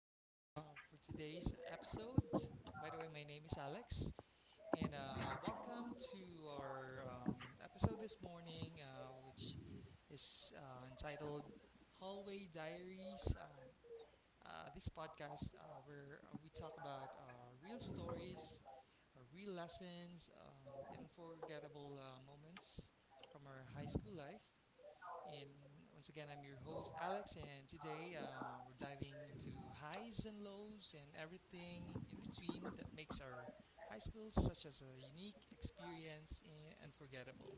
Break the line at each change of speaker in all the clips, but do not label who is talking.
host for today's episode. By the way, my name is Alex, and welcome to our episode this morning, which is entitled Hallway Diaries. This podcast where we talk about real stories, real lessons, and unforgettable moments from our high school life. And once again, I'm your host, Alex, and today we're diving into highs and lows and everything in between that makes our high school such as a unique experience and unforgettable.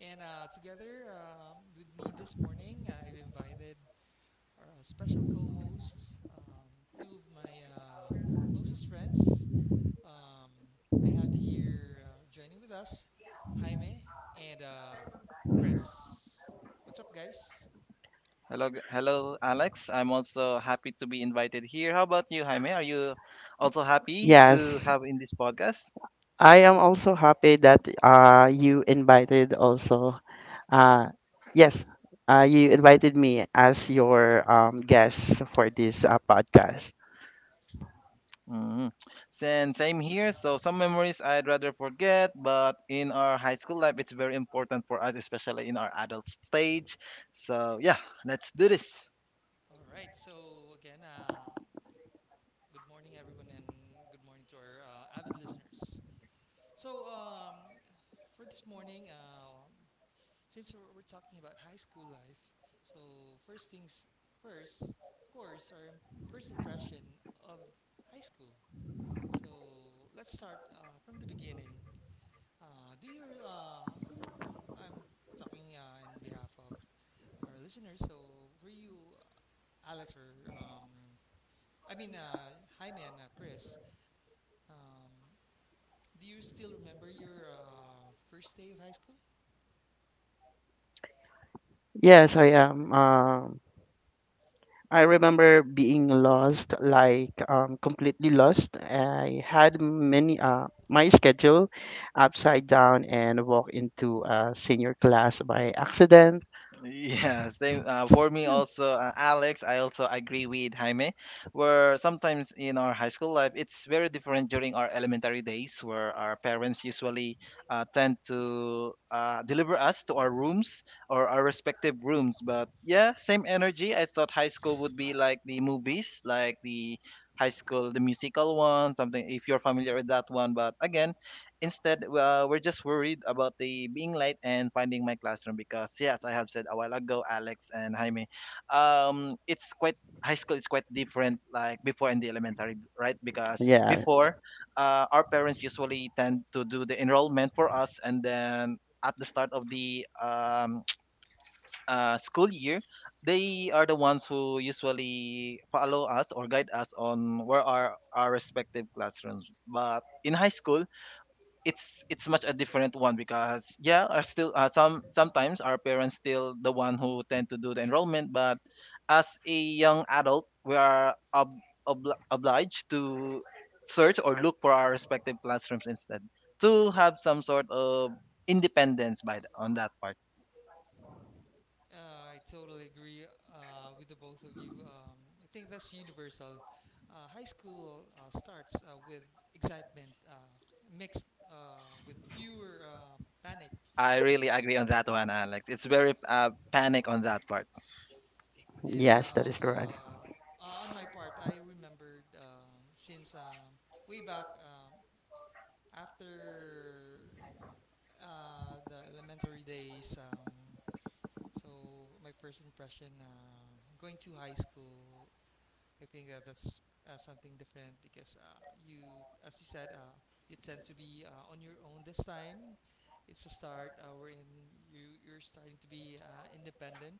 And together with me this morning, I've invited our special co hosts, two of my closest friends. Um, I have here joining with us Jaime and Chris. What's up, guys?
Hello, hello, Alex. I'm also happy to be invited here. How about you, Jaime? Are you also happy to
Yes,
have in this podcast?
I am also happy that you invited also uh yes, you invited me as your guest for this podcast.
Mm-hmm. Same here. So some memories I'd rather forget, but in our high school life, it's very important for us, especially in our adult stage. So yeah, let's do this.
All right. So again, good morning, everyone, and good morning to our avid listeners. So for this morning, since we're talking about high school life, so first things first, of course, our first impression of high school. So let's start from the beginning. Do you? I'm talking in behalf of our listeners. So for you, Alex, or I mean, hi, man, Chris. Um, do you still remember your first day of high school?
Yes, I am um I remember being lost, like completely lost. I had many my schedule upside down and walk into a senior class by accident.
Yeah, same for me also, Alex. I also agree with Jaime, where sometimes in our high school life, it's very different during our elementary days, where our parents usually tend to deliver us to our rooms or our respective rooms. But yeah, same energy. I thought high school would be like the movies, like the high school, the musical one, something if you're familiar with that one. But again, instead, we're just worried about the being late and finding my classroom because, yes, I have said a while ago, Alex and Jaime, it's quite high school is quite different like before in the elementary, right? Because
Yeah,
before, our parents usually tend to do the enrollment for us, and then at the start of the school year, they are the ones who usually follow us or guide us on where are our respective classrooms. But in high school, it's much a different one because yeah are still sometimes our parents still the one who tend to do the enrollment but as a young adult we are obliged to search or look for our respective classrooms instead to have some sort of independence by the, on that part.
I totally agree with the both of you. I think that's universal. High school starts with excitement mixed with pure panic.
I really agree on that one, Alex. It's very panic on that part.
And
yes, that is
also,
correct.
on my part, I remembered since way back after the elementary days. So my first impression, going to high school, I think that's something different because you, as you said, you tend to be on your own this time. It's a start wherein you're starting to be independent,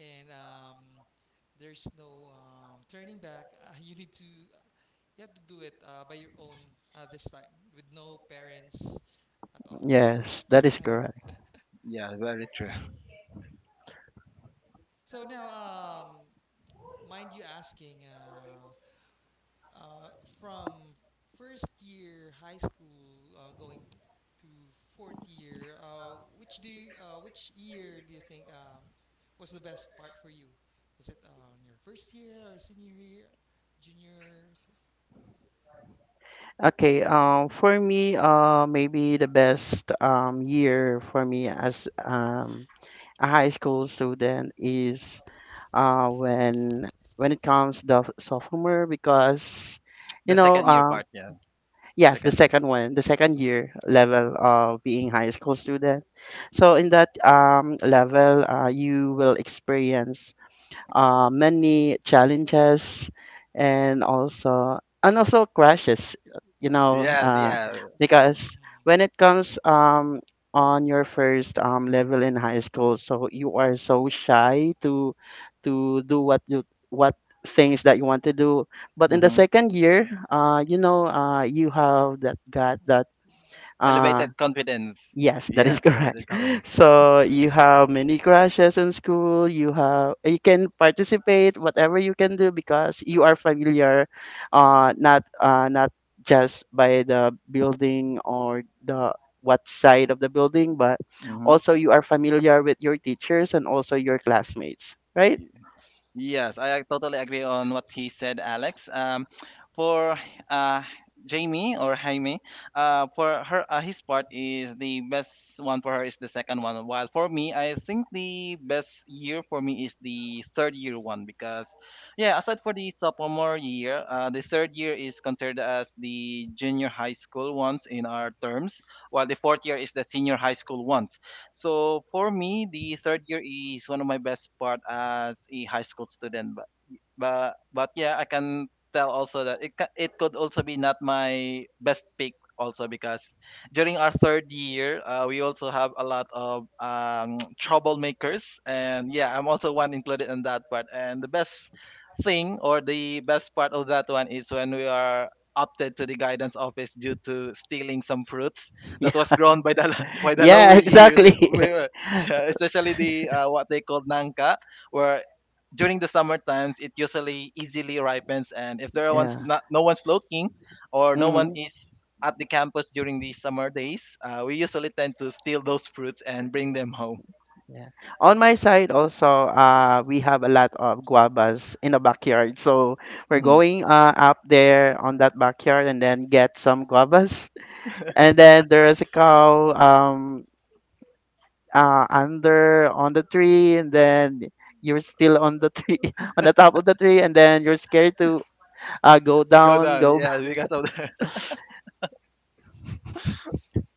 and there's no turning back. You have to do it by your own this time with no parents at all.
Yes, that is correct.
Yeah, very true.
So now, mind you asking. Uh, from first year high school going to fourth year, which year do you think was the best part for you? Was it your first year or senior year, juniors?
Okay, for me, maybe the best year for me as a high school student is uh, when when it comes the sophomore, because you
The
know
second year
uh,
part, yeah.
yes, the
Second year.
second one, the second year level of being high school student. So in that level, you will experience many challenges, and also, and also crashes, you know
Yes
uh,
yeah
because when it comes, on your first level in high school, so you are so shy to do what you, what things that you want to do. But in the
Mhm.
second year, you have that, got that uh,
Elevated confidence.
Yes, that is
Yes,
correct.
elevated confidence.
So you have many crushes in school. You have, you can participate whatever you can do because you are familiar, not just by the building or the what side of the building, but
Hmm.
also you are familiar with your teachers and also your classmates, right?
Yes, I totally agree on what he said, Alex. For uh, Jamie or Jaime, for her, his part is the best one for her is the second one. While for me, I think the best year for me is the third year one because, yeah, aside for the sophomore year, the third year is considered as the junior high school ones in our terms, while the fourth year is the senior high school ones. So for me, the third year is one of my best part as a high school student. But but yeah, I can tell also that it could also be not my best pick also because during our third year, we also have a lot of troublemakers, and yeah, I'm also one included in that part. And the best thing or the best part of that one is when we are opted to the guidance office due to stealing some fruits
Yeah,
that was grown by the by the
yeah,
lower years.
exactly.
Yeah, especially the what they call nangka, where during the summer times it usually easily ripens, and if there one's
Yeah.
not no one's looking or no one
Hmm.
at the campus during the summer days, we usually tend to steal those fruits and bring them home.
Yeah. On my side also, we have a lot of guavas in the backyard. So we're
Mhm.
going up there on that backyard and then get some guavas. And then there is a cow, under on the tree, and then you're still on the tree, on the top of the tree, and then you're scared to go
Go
down,
down,
go
yeah,
back.
because of the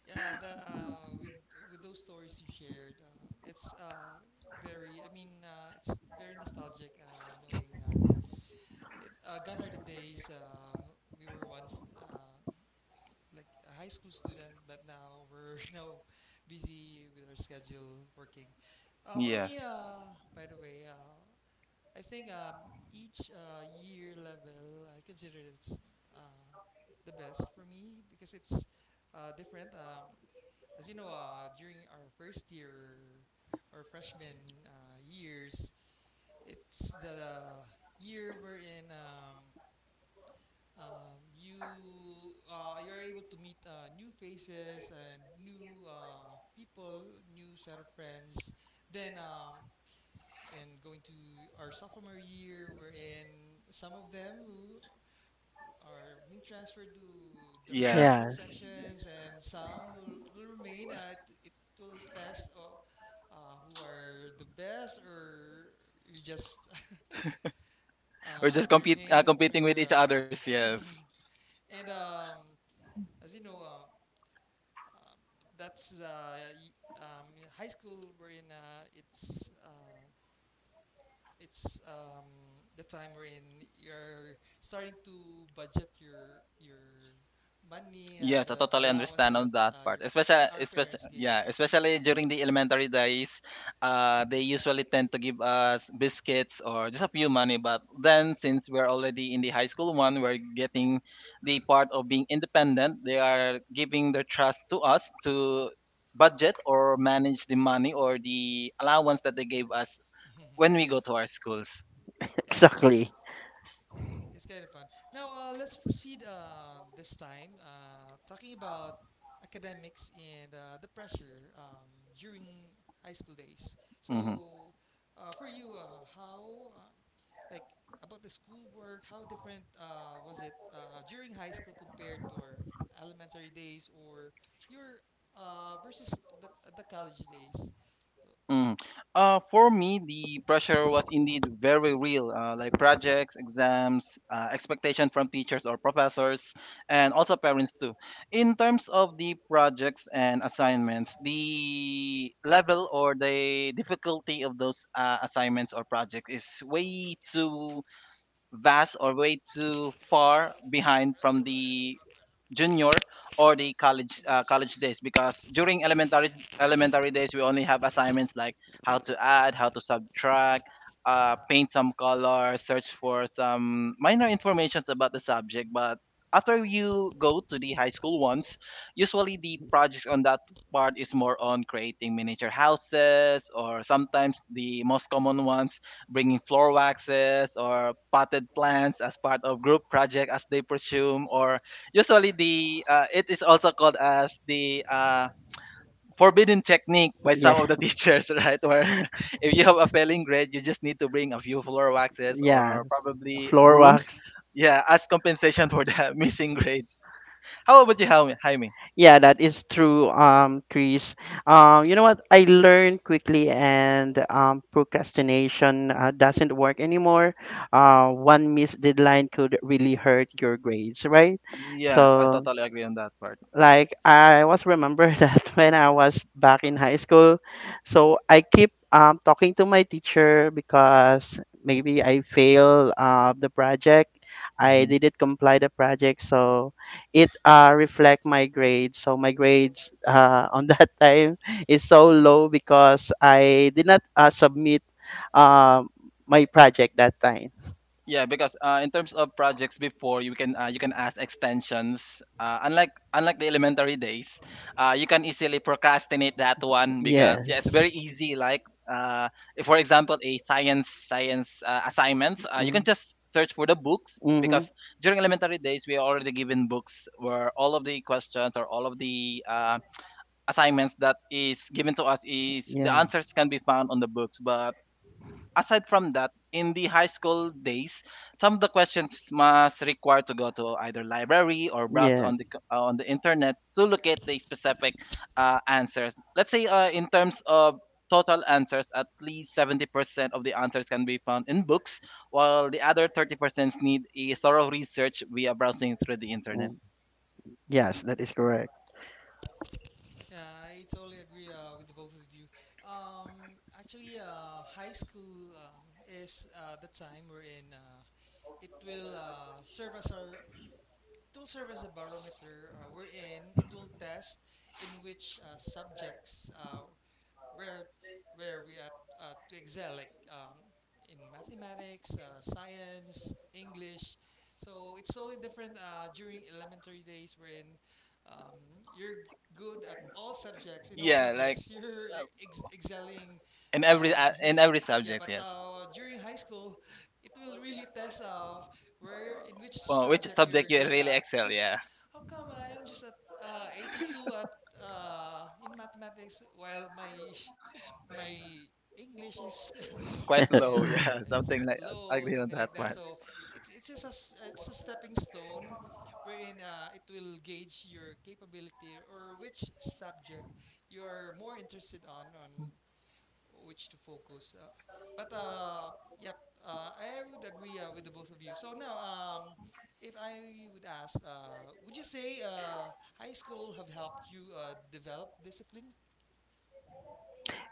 Yeah, with those stories you shared, it's very. I mean, it's very nostalgic, knowing. It Gone are the days we were once like a high school student, but now we're now busy with our schedule working. For
yes,
me, by the way, I think each year level I consider it uh, the best for me because it's different. As you know, during our first year or freshman years, it's the year we're in. You're able to meet new faces and new people, new set of friends. Then and going to our sophomore year, wherein some of them who are being transferred to different
yes.
different
Yes.
sections, and some will remain. It will test who are the best, or you just
We're just compete
remain at
competing with
your
each others. Yes.
and as you know, uh, that's uh, y- um, high school wherein it's the time wherein you're starting to budget your money,
Yes, I
the
totally
allowance
understand
that
on that part.
your
Especially,
our
especially,
parents gave.
yeah, especially during the elementary days, they usually tend to give us biscuits or just a few money. But then, since we're already in the high school one, we're getting the part of being independent. They are giving their trust to us to budget or manage the money or the allowance that they gave us when we
Yeah,
go to our schools.
yeah.
Exactly.
It's kind of fun. Now, let's proceed this time talking about academics and the pressure during high school days.
Mm-hmm.
So, for you, how, uh, like, about the schoolwork, how different was it during high school compared to our elementary days or your versus the, the college days? So,
Mm. For me, the pressure was indeed very real, like projects, exams, expectation from teachers or professors, and also parents too. In terms of the projects and assignments, the level or the difficulty of those assignments or projects is way too vast or way too far behind from the junior or the
Walay ba sa
college
bus?
days, because during elementary days we only have assignments like how to add, how to subtract, paint some color, search for some minor informations about the subject. But after you go to the high school ones, usually the projects on that part is more on creating miniature houses, or sometimes the most common ones bringing floor waxes or potted plants as part of group project, as they presume, or usually the it is also called as the forbidden technique by some
Yeah.
of the teachers, right, where if you have a failing grade you just need to bring a few floor waxes or
Yes,
probably
floor
brooms,
wax.
yeah, as compensation for the missing grade. How about you, Jaime?
Yeah, that is true, Chris. You know what? I learned quickly, and procrastination doesn't work anymore. One missed deadline could really hurt your grades, right?
Yes, I
So,
totally agree on that part.
like, I was, remember that when I was back in high school, so I keep talking to my teacher because maybe I failed the project. I didn't comply the project, so it reflect my grades. So my grades on that time is so low because I did not submit um my project that time.
Yeah, because in terms of projects before, you can ask extensions. Unlike the elementary days, you can easily procrastinate that one because yeah, it's
Yes.
very easy. Like if for example a science assignment, you can
Mm.
just search for the books
Mhm.
because during elementary days we are already given books where all of the questions or all of the assignments that is given to us is the
Yeah.
answers can be found on the books. But aside from that, in the high school days, some of the questions must require to go to either library or browse
Yes.
on the internet to locate the specific answers. Let's say in terms of total answers, at least 70% of the answers can be found in books, while the other 30% need a thorough research via browsing through the internet.
Mm. Yes, that is correct.
Yeah, I totally agree with the both of you. Actually, high school is the time wherein it will uh, serve as our it will serve as a barometer wherein it will test in which subjects where where we at to excel like in mathematics, science, English. So it's totally different during elementary days wherein you're good at all subjects in all
Yeah, like
subjects excelling,
in
yeah
every
yeah
subject,
but
yes.
during high school it will really test where in which
Well, which
subject you're
subject you
good
really
at
excel?
because
Yeah.
how come I'm just at 82 at in mathematics, while my my English is
Quite
something
low. Yeah,
it's a
something
bit
like. I
low,
agree on
something
that
like that.
one.
So it's a stepping stone, wherein it will gauge your capability or which subject you are more interested on which to focus. But yep, I would agree with the both of you. So now, if I would ask, would you say high school have helped you develop discipline?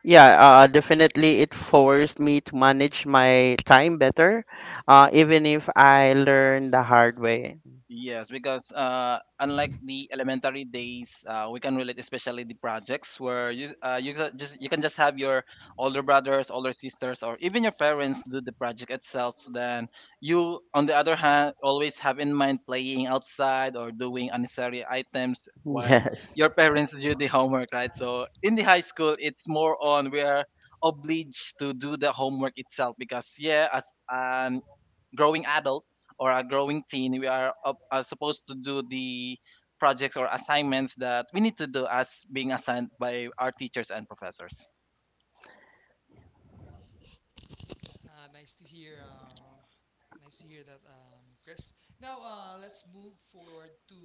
Yeah, definitely it forced me to manage my time better, even if I learned the hard way.
Yes, because unlike the elementary days, we can relate, especially the projects where you can just have your older brothers, older sisters, or even your parents do the project itself. So then you, on the other hand, always have in mind playing outside or doing unnecessary items while
Yes.
your parents do the homework, right? So in the high school, it's more on we are obliged to do the homework itself because yeah, as an growing adult or a growing teen, we are supposed to do the projects or assignments that we need to do as being assigned by our teachers and professors.
Uh, nice to hear, uh, Nice to hear that, Chris. Now, let's move forward to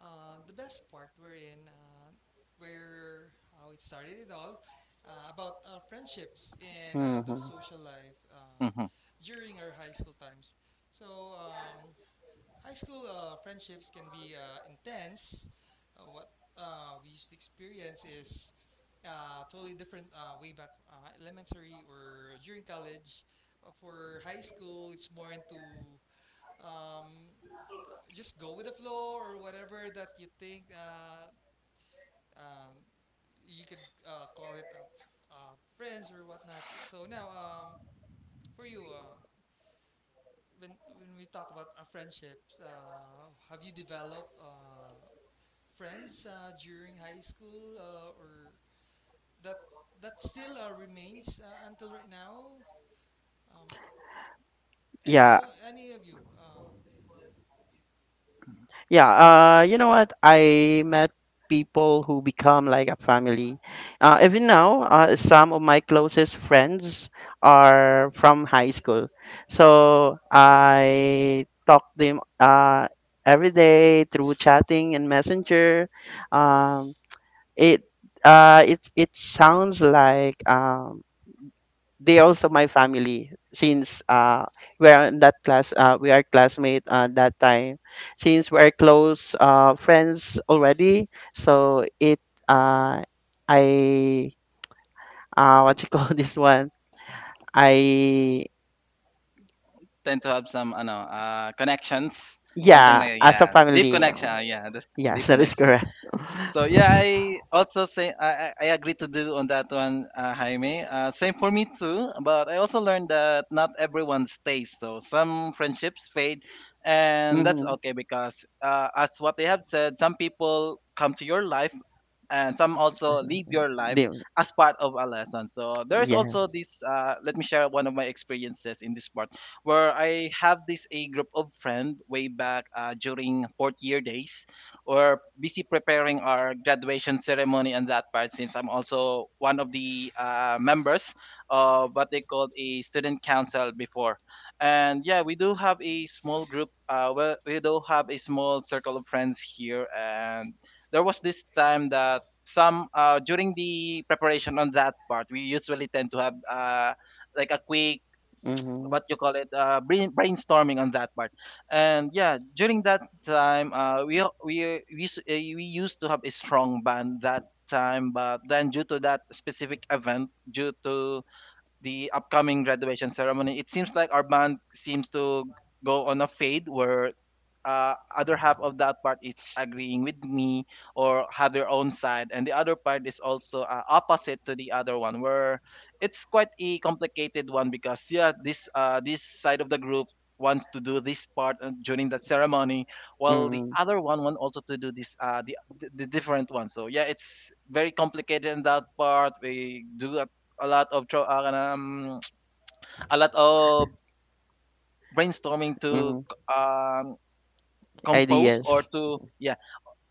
the best part wherein where how it started it all about friendships and the
Hmm.
social life
Hmm.
during our high school times. So, high school friendships can be intense. What we used to experience is totally different way back elementary or during college. For high school, it's more into um, just go with the flow or whatever that you think uh, you could call it friends or whatnot. So now, for you, when we talk about friendships, have you developed friends during high school or that that still remains until right now? Um,
Yeah,
any of you?
yeah, you know what, I met people who become like a family. Even now, some of my closest friends are from high school,
Mm,
so I talk them every day through chatting and Messenger. um, it it it sounds like, they are also my family since we are in that class, we are classmate that time. Since we are close friends already, so it uh I what you call this one I
Tend to have some, ano, connections, something
yeah,
like
as a
yeah, deep
family,
connection. Yeah, that's deep
yes, that is
connection.
correct.
So yeah, I also say I agree to do on that one, Jaime. Same for me too. But I also learned that not everyone stays. So some friendships fade, and that's
Mm-hmm.
okay because as what they have said, some people come to your life and some also live your life as part of a lesson. So there is
Yes.
also this. Let me share one of my experiences in this part, where I have this a group of friend way back during fourth year days, or busy preparing our graduation ceremony and that part. Since I'm also one of the members of what they called a student council before. And yeah, we do have a small group. Well, we do have a small circle of friends here, and there was this time that some during the preparation on that part, we usually tend to have like a quick
Mm-hmm.
what you call it brainstorming on that part. And yeah, during that time, we used to have a strong band that time, but then due to that specific event, due to the upcoming graduation ceremony, it seems like our band seems to go on a fade, where other half of that part is agreeing with me or have their own side, and the other part is also opposite to the other one, where it's quite a complicated one. Because yeah, this this side of the group wants to do this part during that ceremony, while the
Mm-hmm.
other one want also to do this the different one. So yeah, it's very complicated in that part. We do a lot of a lot of brainstorming to
Mm-hmm.
um, compose
Ideas.
or to, yeah,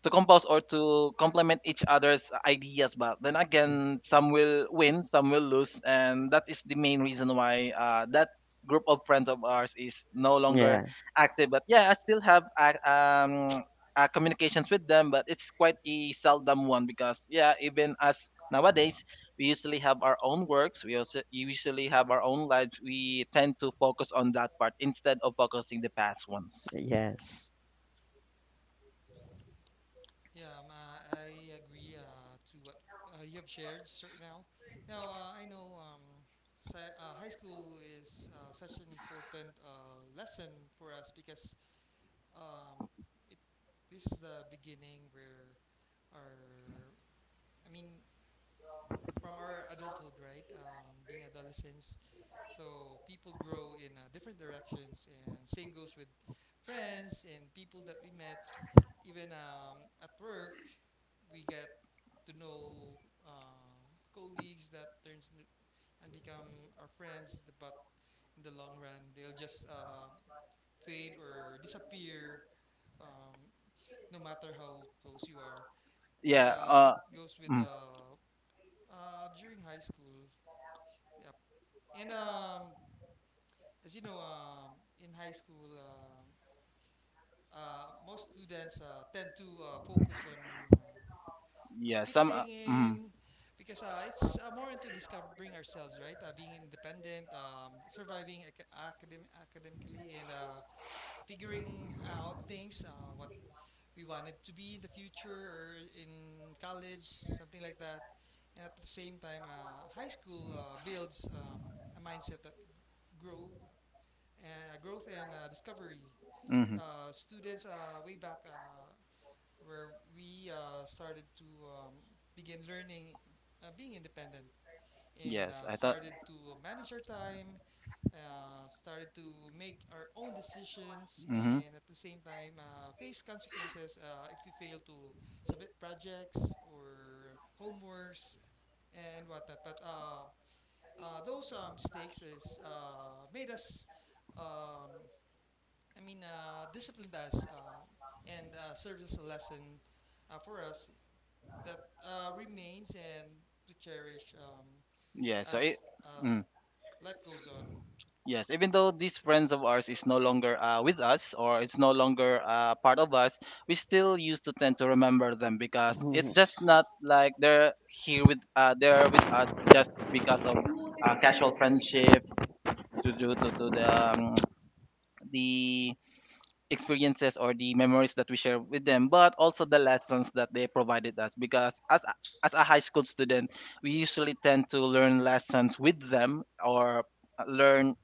to compose or to complement each other's ideas. But then again, some will win, some will lose, and that is the main reason why that group of friends of ours is no longer
Yeah.
active. But yeah, I still have communications with them, but it's quite a seldom one. Because yeah, even as nowadays, we usually have our own works, we also usually have our own lives. We tend to focus on that part instead of focusing the past ones.
Yes.
yeah, I agree to what you have shared just right now. Now I know high school is such an important lesson for us because um, it this is the beginning where our I mean from our adulthood, right? Being adolescents, so people grow in different directions, and same goes with friends and people that we met. Even at work, we get to know uh, colleagues that and become our friends, but in the long run, they'll just fade or disappear. Um, no matter how close you are, and
Yeah.
that goes with
Mm.
during high school. And as you know, in high school, most students tend to focus on uh,
Yeah, some.
fitting in because it's more into discovering ourselves, right? Being independent, surviving academically, and figuring out things, what we wanted to be in the future or in college, something like that. And at the same time, high school builds a mindset that growth growth and discovery.
Hmm
Students way back where we started to begin learning, being independent, and
Yes, I thought.
started to manage our time, started to make our own decisions,
Mm-hmm.
and at the same time face consequences if we fail to submit projects or homeworks and whatnot. But those mistakes is made us um, I mean, disciplined us and serves as a lesson for us that remains and to cherish,
Yeah, so it.
as
Mm,
life goes on.
yes, even though these friends of ours is no longer with us, or it's no longer part of us, we still used to tend to remember them, because it's
Hmm.
just not like they're here with, uh, they're with us just because of casual friendship, due to the the experiences or the memories that we share with them, but also the lessons that they provided us. Because as a high school student, we usually tend to learn lessons with them, or learn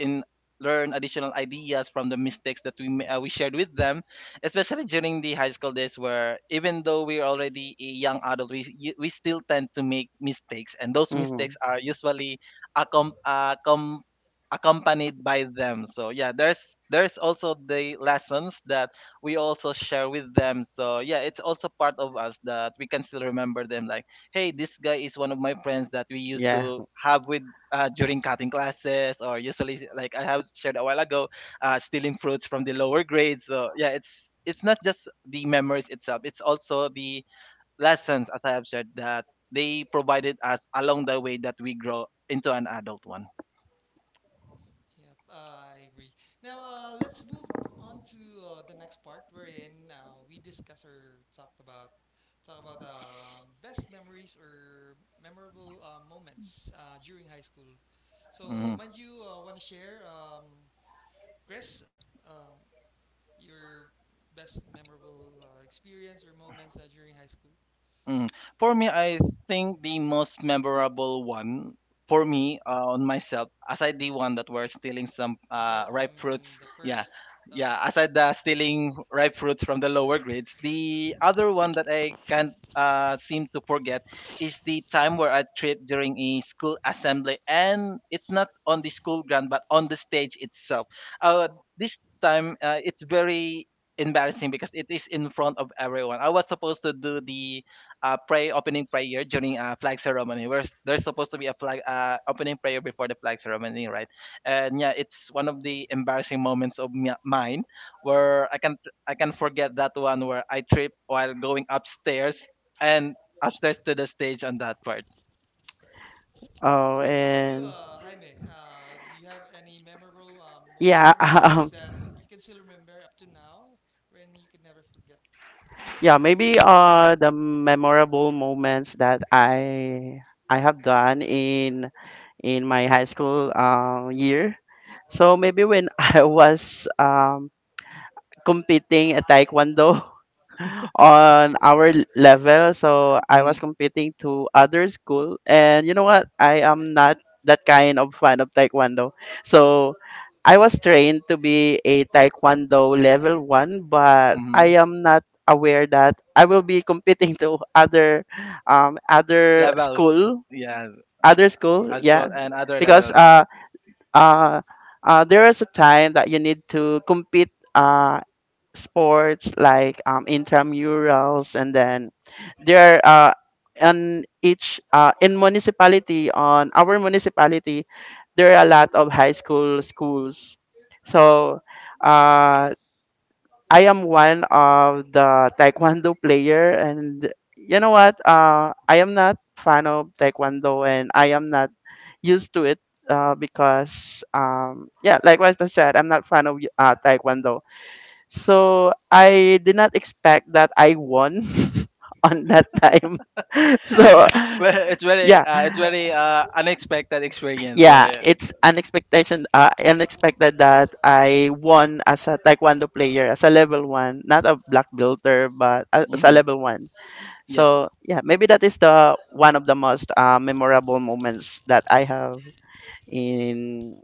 in learn additional ideas from the mistakes that we shared with them, especially during the high school days, where even though we're already a young adult, we still tend to make mistakes, and those
Hmm.
mistakes are usually accom- uh, com- accompanied by them. So yeah, there's also the lessons that we also share with them. So yeah, it's also part of us that we can still remember them, like, hey, this guy is one of my friends that we used
Yeah.
to have with during cutting classes, or usually, like I have shared a while ago, stealing fruits from the lower grades. So yeah, it's not just the memories itself, it's also the lessons, as I have shared, that they provided us along the way that we grow into an adult one.
Yep, I agree. Now, let's move on to the next part wherein we discuss or talked about talk about best memories or memorable moments during high school. So,
Mm-hmm.
mind you, want to share, Chris? Uh, your best memorable experience or moments during high school,
Mm. For me, I think the most memorable one for me on myself, aside the one that were stealing some
aside from
ripe fruits,
the
yeah,
first,
yeah,
uh,
aside the stealing ripe fruits from the lower grades, the other one that I can't seem to forget is the time where I tripped during a school assembly, and it's not on the school ground but on the stage itself. Uh, this time, it's very embarrassing because it is in front of everyone. I was supposed to do the pray opening prayer during flag ceremony. Where there's supposed to be a flag opening prayer before the flag ceremony, right? And yeah, it's one of the embarrassing moments of mine, where I can forget that one, where I trip while going upstairs and upstairs to the stage on that part.
Oh,
yeah, how about you,
and
Jaime? Do you have any memorable moments
yeah,
or memories that you can still remember up to now, when you can never forget?
yeah, maybe the memorable moments that I have done in my high school year. So maybe when I was competing at taekwondo on our level. So I
Mm-hmm.
was competing to other school, and you know what? I am not that kind of fan of taekwondo. So I was trained to be a taekwondo level one, but
Hmm.
I am not aware that I will be competing to other, other
Levels,
school,
yeah,
other school. Yeah,
alcohol and other
because
levels.
uh, there is a time that you need to compete. Sports like, intramurals, and then there on each in municipality, on our municipality, there are a lot of high school schools. So uh, I am one of the taekwondo player, and you know what, I am not fan of taekwondo, and I am not used to it, because, yeah, like what I said, I'm not fan of taekwondo. So I did not expect that I won on that time. So
Well,
yeah,
it's very unexpected experience
yeah,
where.
it's an expectation, unexpected, that I won as a taekwondo player, as a level one, not a black belter, but as a
Mhm.
level one.
Yes.
So yeah, maybe that is the one of the most memorable moments that I have in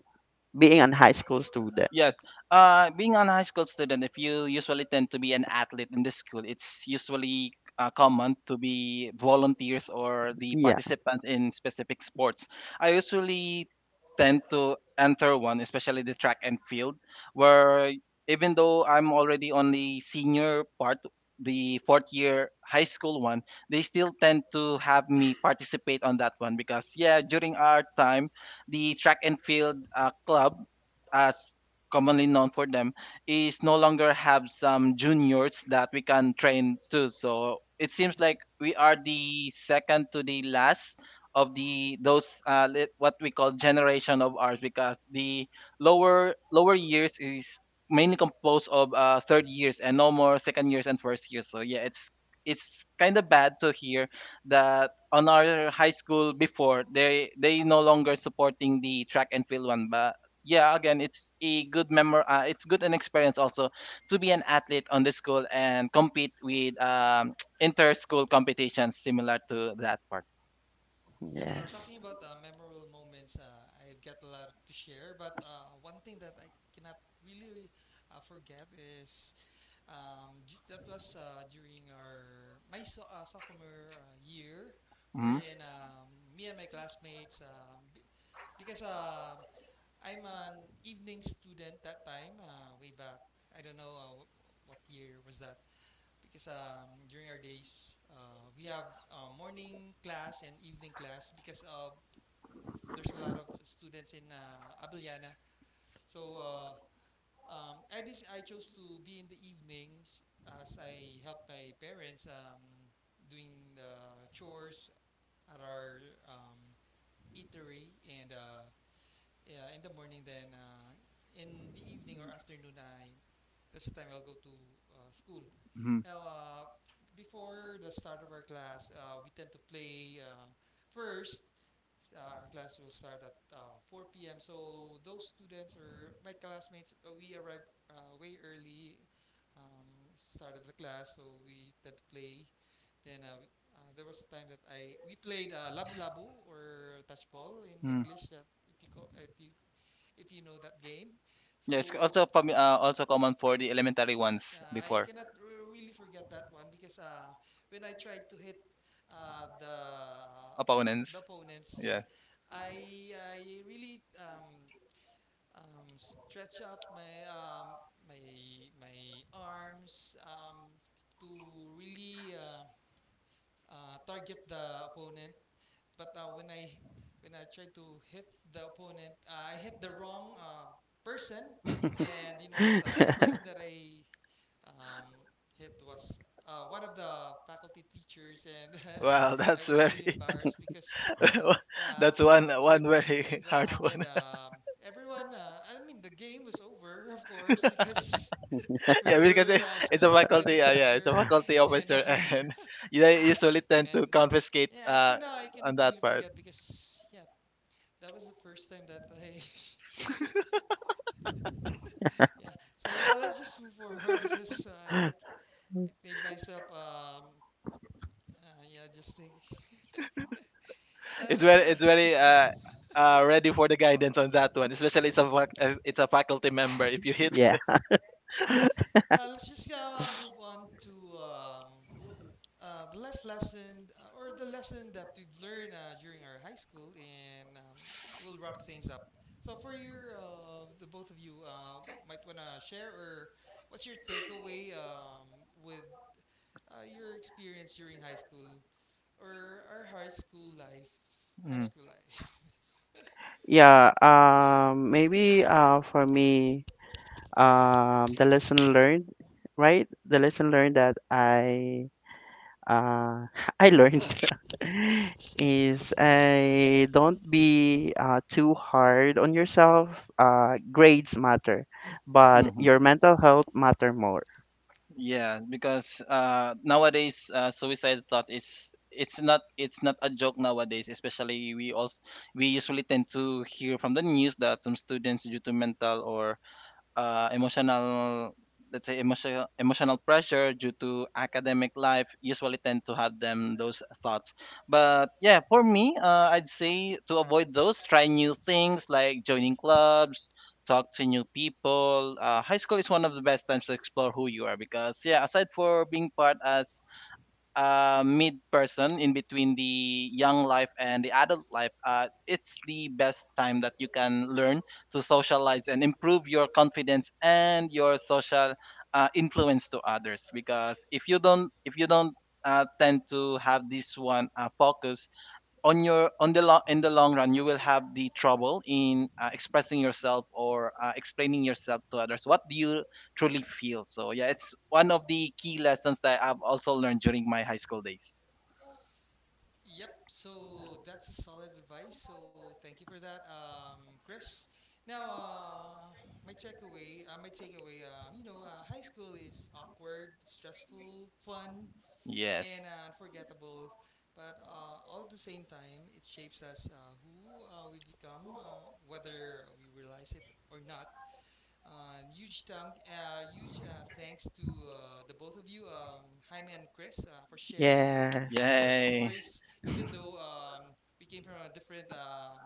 being a high school student.
Yes. Being a high school student, if you usually tend to be an athlete in the school, it's usually common to be volunteers or the
Yeah.
participants in specific sports. I usually tend to enter one, especially the track and field, where even though I'm already on the senior part, the fourth year high school one, they still tend to have me participate on that one because, yeah, during our time, the track and field club, as commonly known for them, is no longer have some juniors that we can train to. So it seems like we are the second to the last of the those what we call generation of ours, because the lower years is mainly composed of third years, and no more second years and first years. So yeah, it's kind of bad to hear that on our high school before they no longer supporting the track and field one. But yeah, again, it's a good memor it's good an experience also to be an athlete on the school and compete with inter school competitions similar to that part.
Yeah, talking
Yes.
about memorable moments, I've got a lot to share, but one thing that I cannot really forget is Um, that was during our my sophomore year. We're
Mm-hmm.
in Me and my classmates, because I'm an evening student that time way back. I don't know what year was that because during our days we have morning class and evening class because of there's a lot of students in Abellana. So I chose to be in the evenings as I helped my parents doing the chores at our um, eatery, and yeah, in the morning, then in the evening or afternoon, I that's the time I'll go to school.
Mm-hmm.
Now before the start of our class, we tend to play first. Our class will start at 4 p.m. So those students or my classmates, we arrive way early, um, start of the class. So we did play. Then there was a time that I we played labu labu or touch ball in
Mm.
English. That if you if you know that game,
Yes,
so
also also common for the elementary ones
yeah, I
before.
cannot really forget that one because when I tried to hit uh, the
Opponents.
the opponents, yeah,
Yes.
I really stretch up my my my arms to really target the opponent. But when I tried to hit the opponent, I hit the wrong person, and you know what? The person that I um, it was one of the faculty teachers, and
Wow, that's
I was really
very
embarrassed because, yeah,
that's one
with with
very
what
hard one.
happened, everyone. I mean, the game was over, of course, because we
Yeah, because it,
were
it's a
scolded by the
faculty. Yeah, it's a
teacher,
faculty
and
officer, and they usually tend
and
to confiscate
yeah, up to now I cannot
on that
really
part.
forget because yeah, that was the first time that I yeah. So let's just move forward, because I it made myself, yeah, just think. Now let's
It's very ready for the guidance on that one, especially it's a it's a faculty member. If you hit,
Yeah.
well, let's just move on to the life lesson, or the lesson that we've learned during our high school, and we'll wrap things up. So, for your the both of you, might wanna share, or what's your takeaway with your experience during high school, or our high
Mm,
school life.
Yeah. Maybe for me, the lesson learned, right? The lesson learned that I uh, I learned is, I don't be too hard on yourself. Grades matter, but
hmm
your mental health matter more.
Yeah, because nowadays suicide thought, it's not, it's not a joke nowadays. Especially we also, we usually tend to hear from the news that some students due to mental or emotional, let's say emotional, emotional pressure due to academic life, usually tend to have them those thoughts. But yeah, for me, I'd say to avoid those, try new things like joining clubs, talk to new people. High school is one of the best times to explore who you are, because yeah, aside for being part as mid person in between the young life and the adult life, it's the best time that you can learn to socialize and improve your confidence and your social influence to others. Because if you don't tend to have this one focus, on your on the lo- in the long run, you will have the trouble in expressing yourself or explaining yourself to others what do you truly feel. So yeah, it's one of the key lessons that I've also learned during my high school days.
Yep. So that's a solid advice. So thank you for that, Chris. Now, my takeaway, high school is awkward, stressful, fun, and
Yes.
unforgettable. But all at the same time, it shapes us, who we become, whether we realize it or not. Huge thanks to the both of you, Jaime and Chris, for sharing your
Yes.
your
Yay.
stories. Even though we came from a different,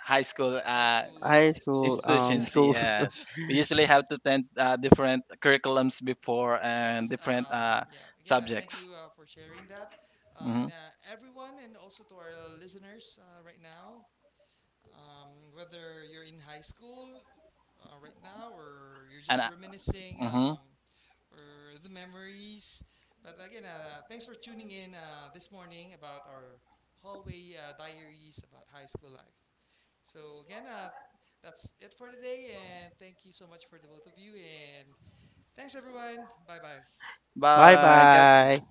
High school
high school,
High school,
schools.
um,
institutions,
schools.
yes. We usually have to attend different curriculums before, and
Yes.
different
Yeah. Again, thank
subjects.
you for sharing that,
Hmm.
and everyone, and also to our listeners right now. Um, Whether you're in high school right now or you're
And
just reminiscing
hmm.
or the memories. But again, thanks for tuning in this morning about our hallway diaries about high school life. So again, that's it for today, and thank you so much for the both of you, and thanks everyone. Bye bye.
Bye
But ca-
bye.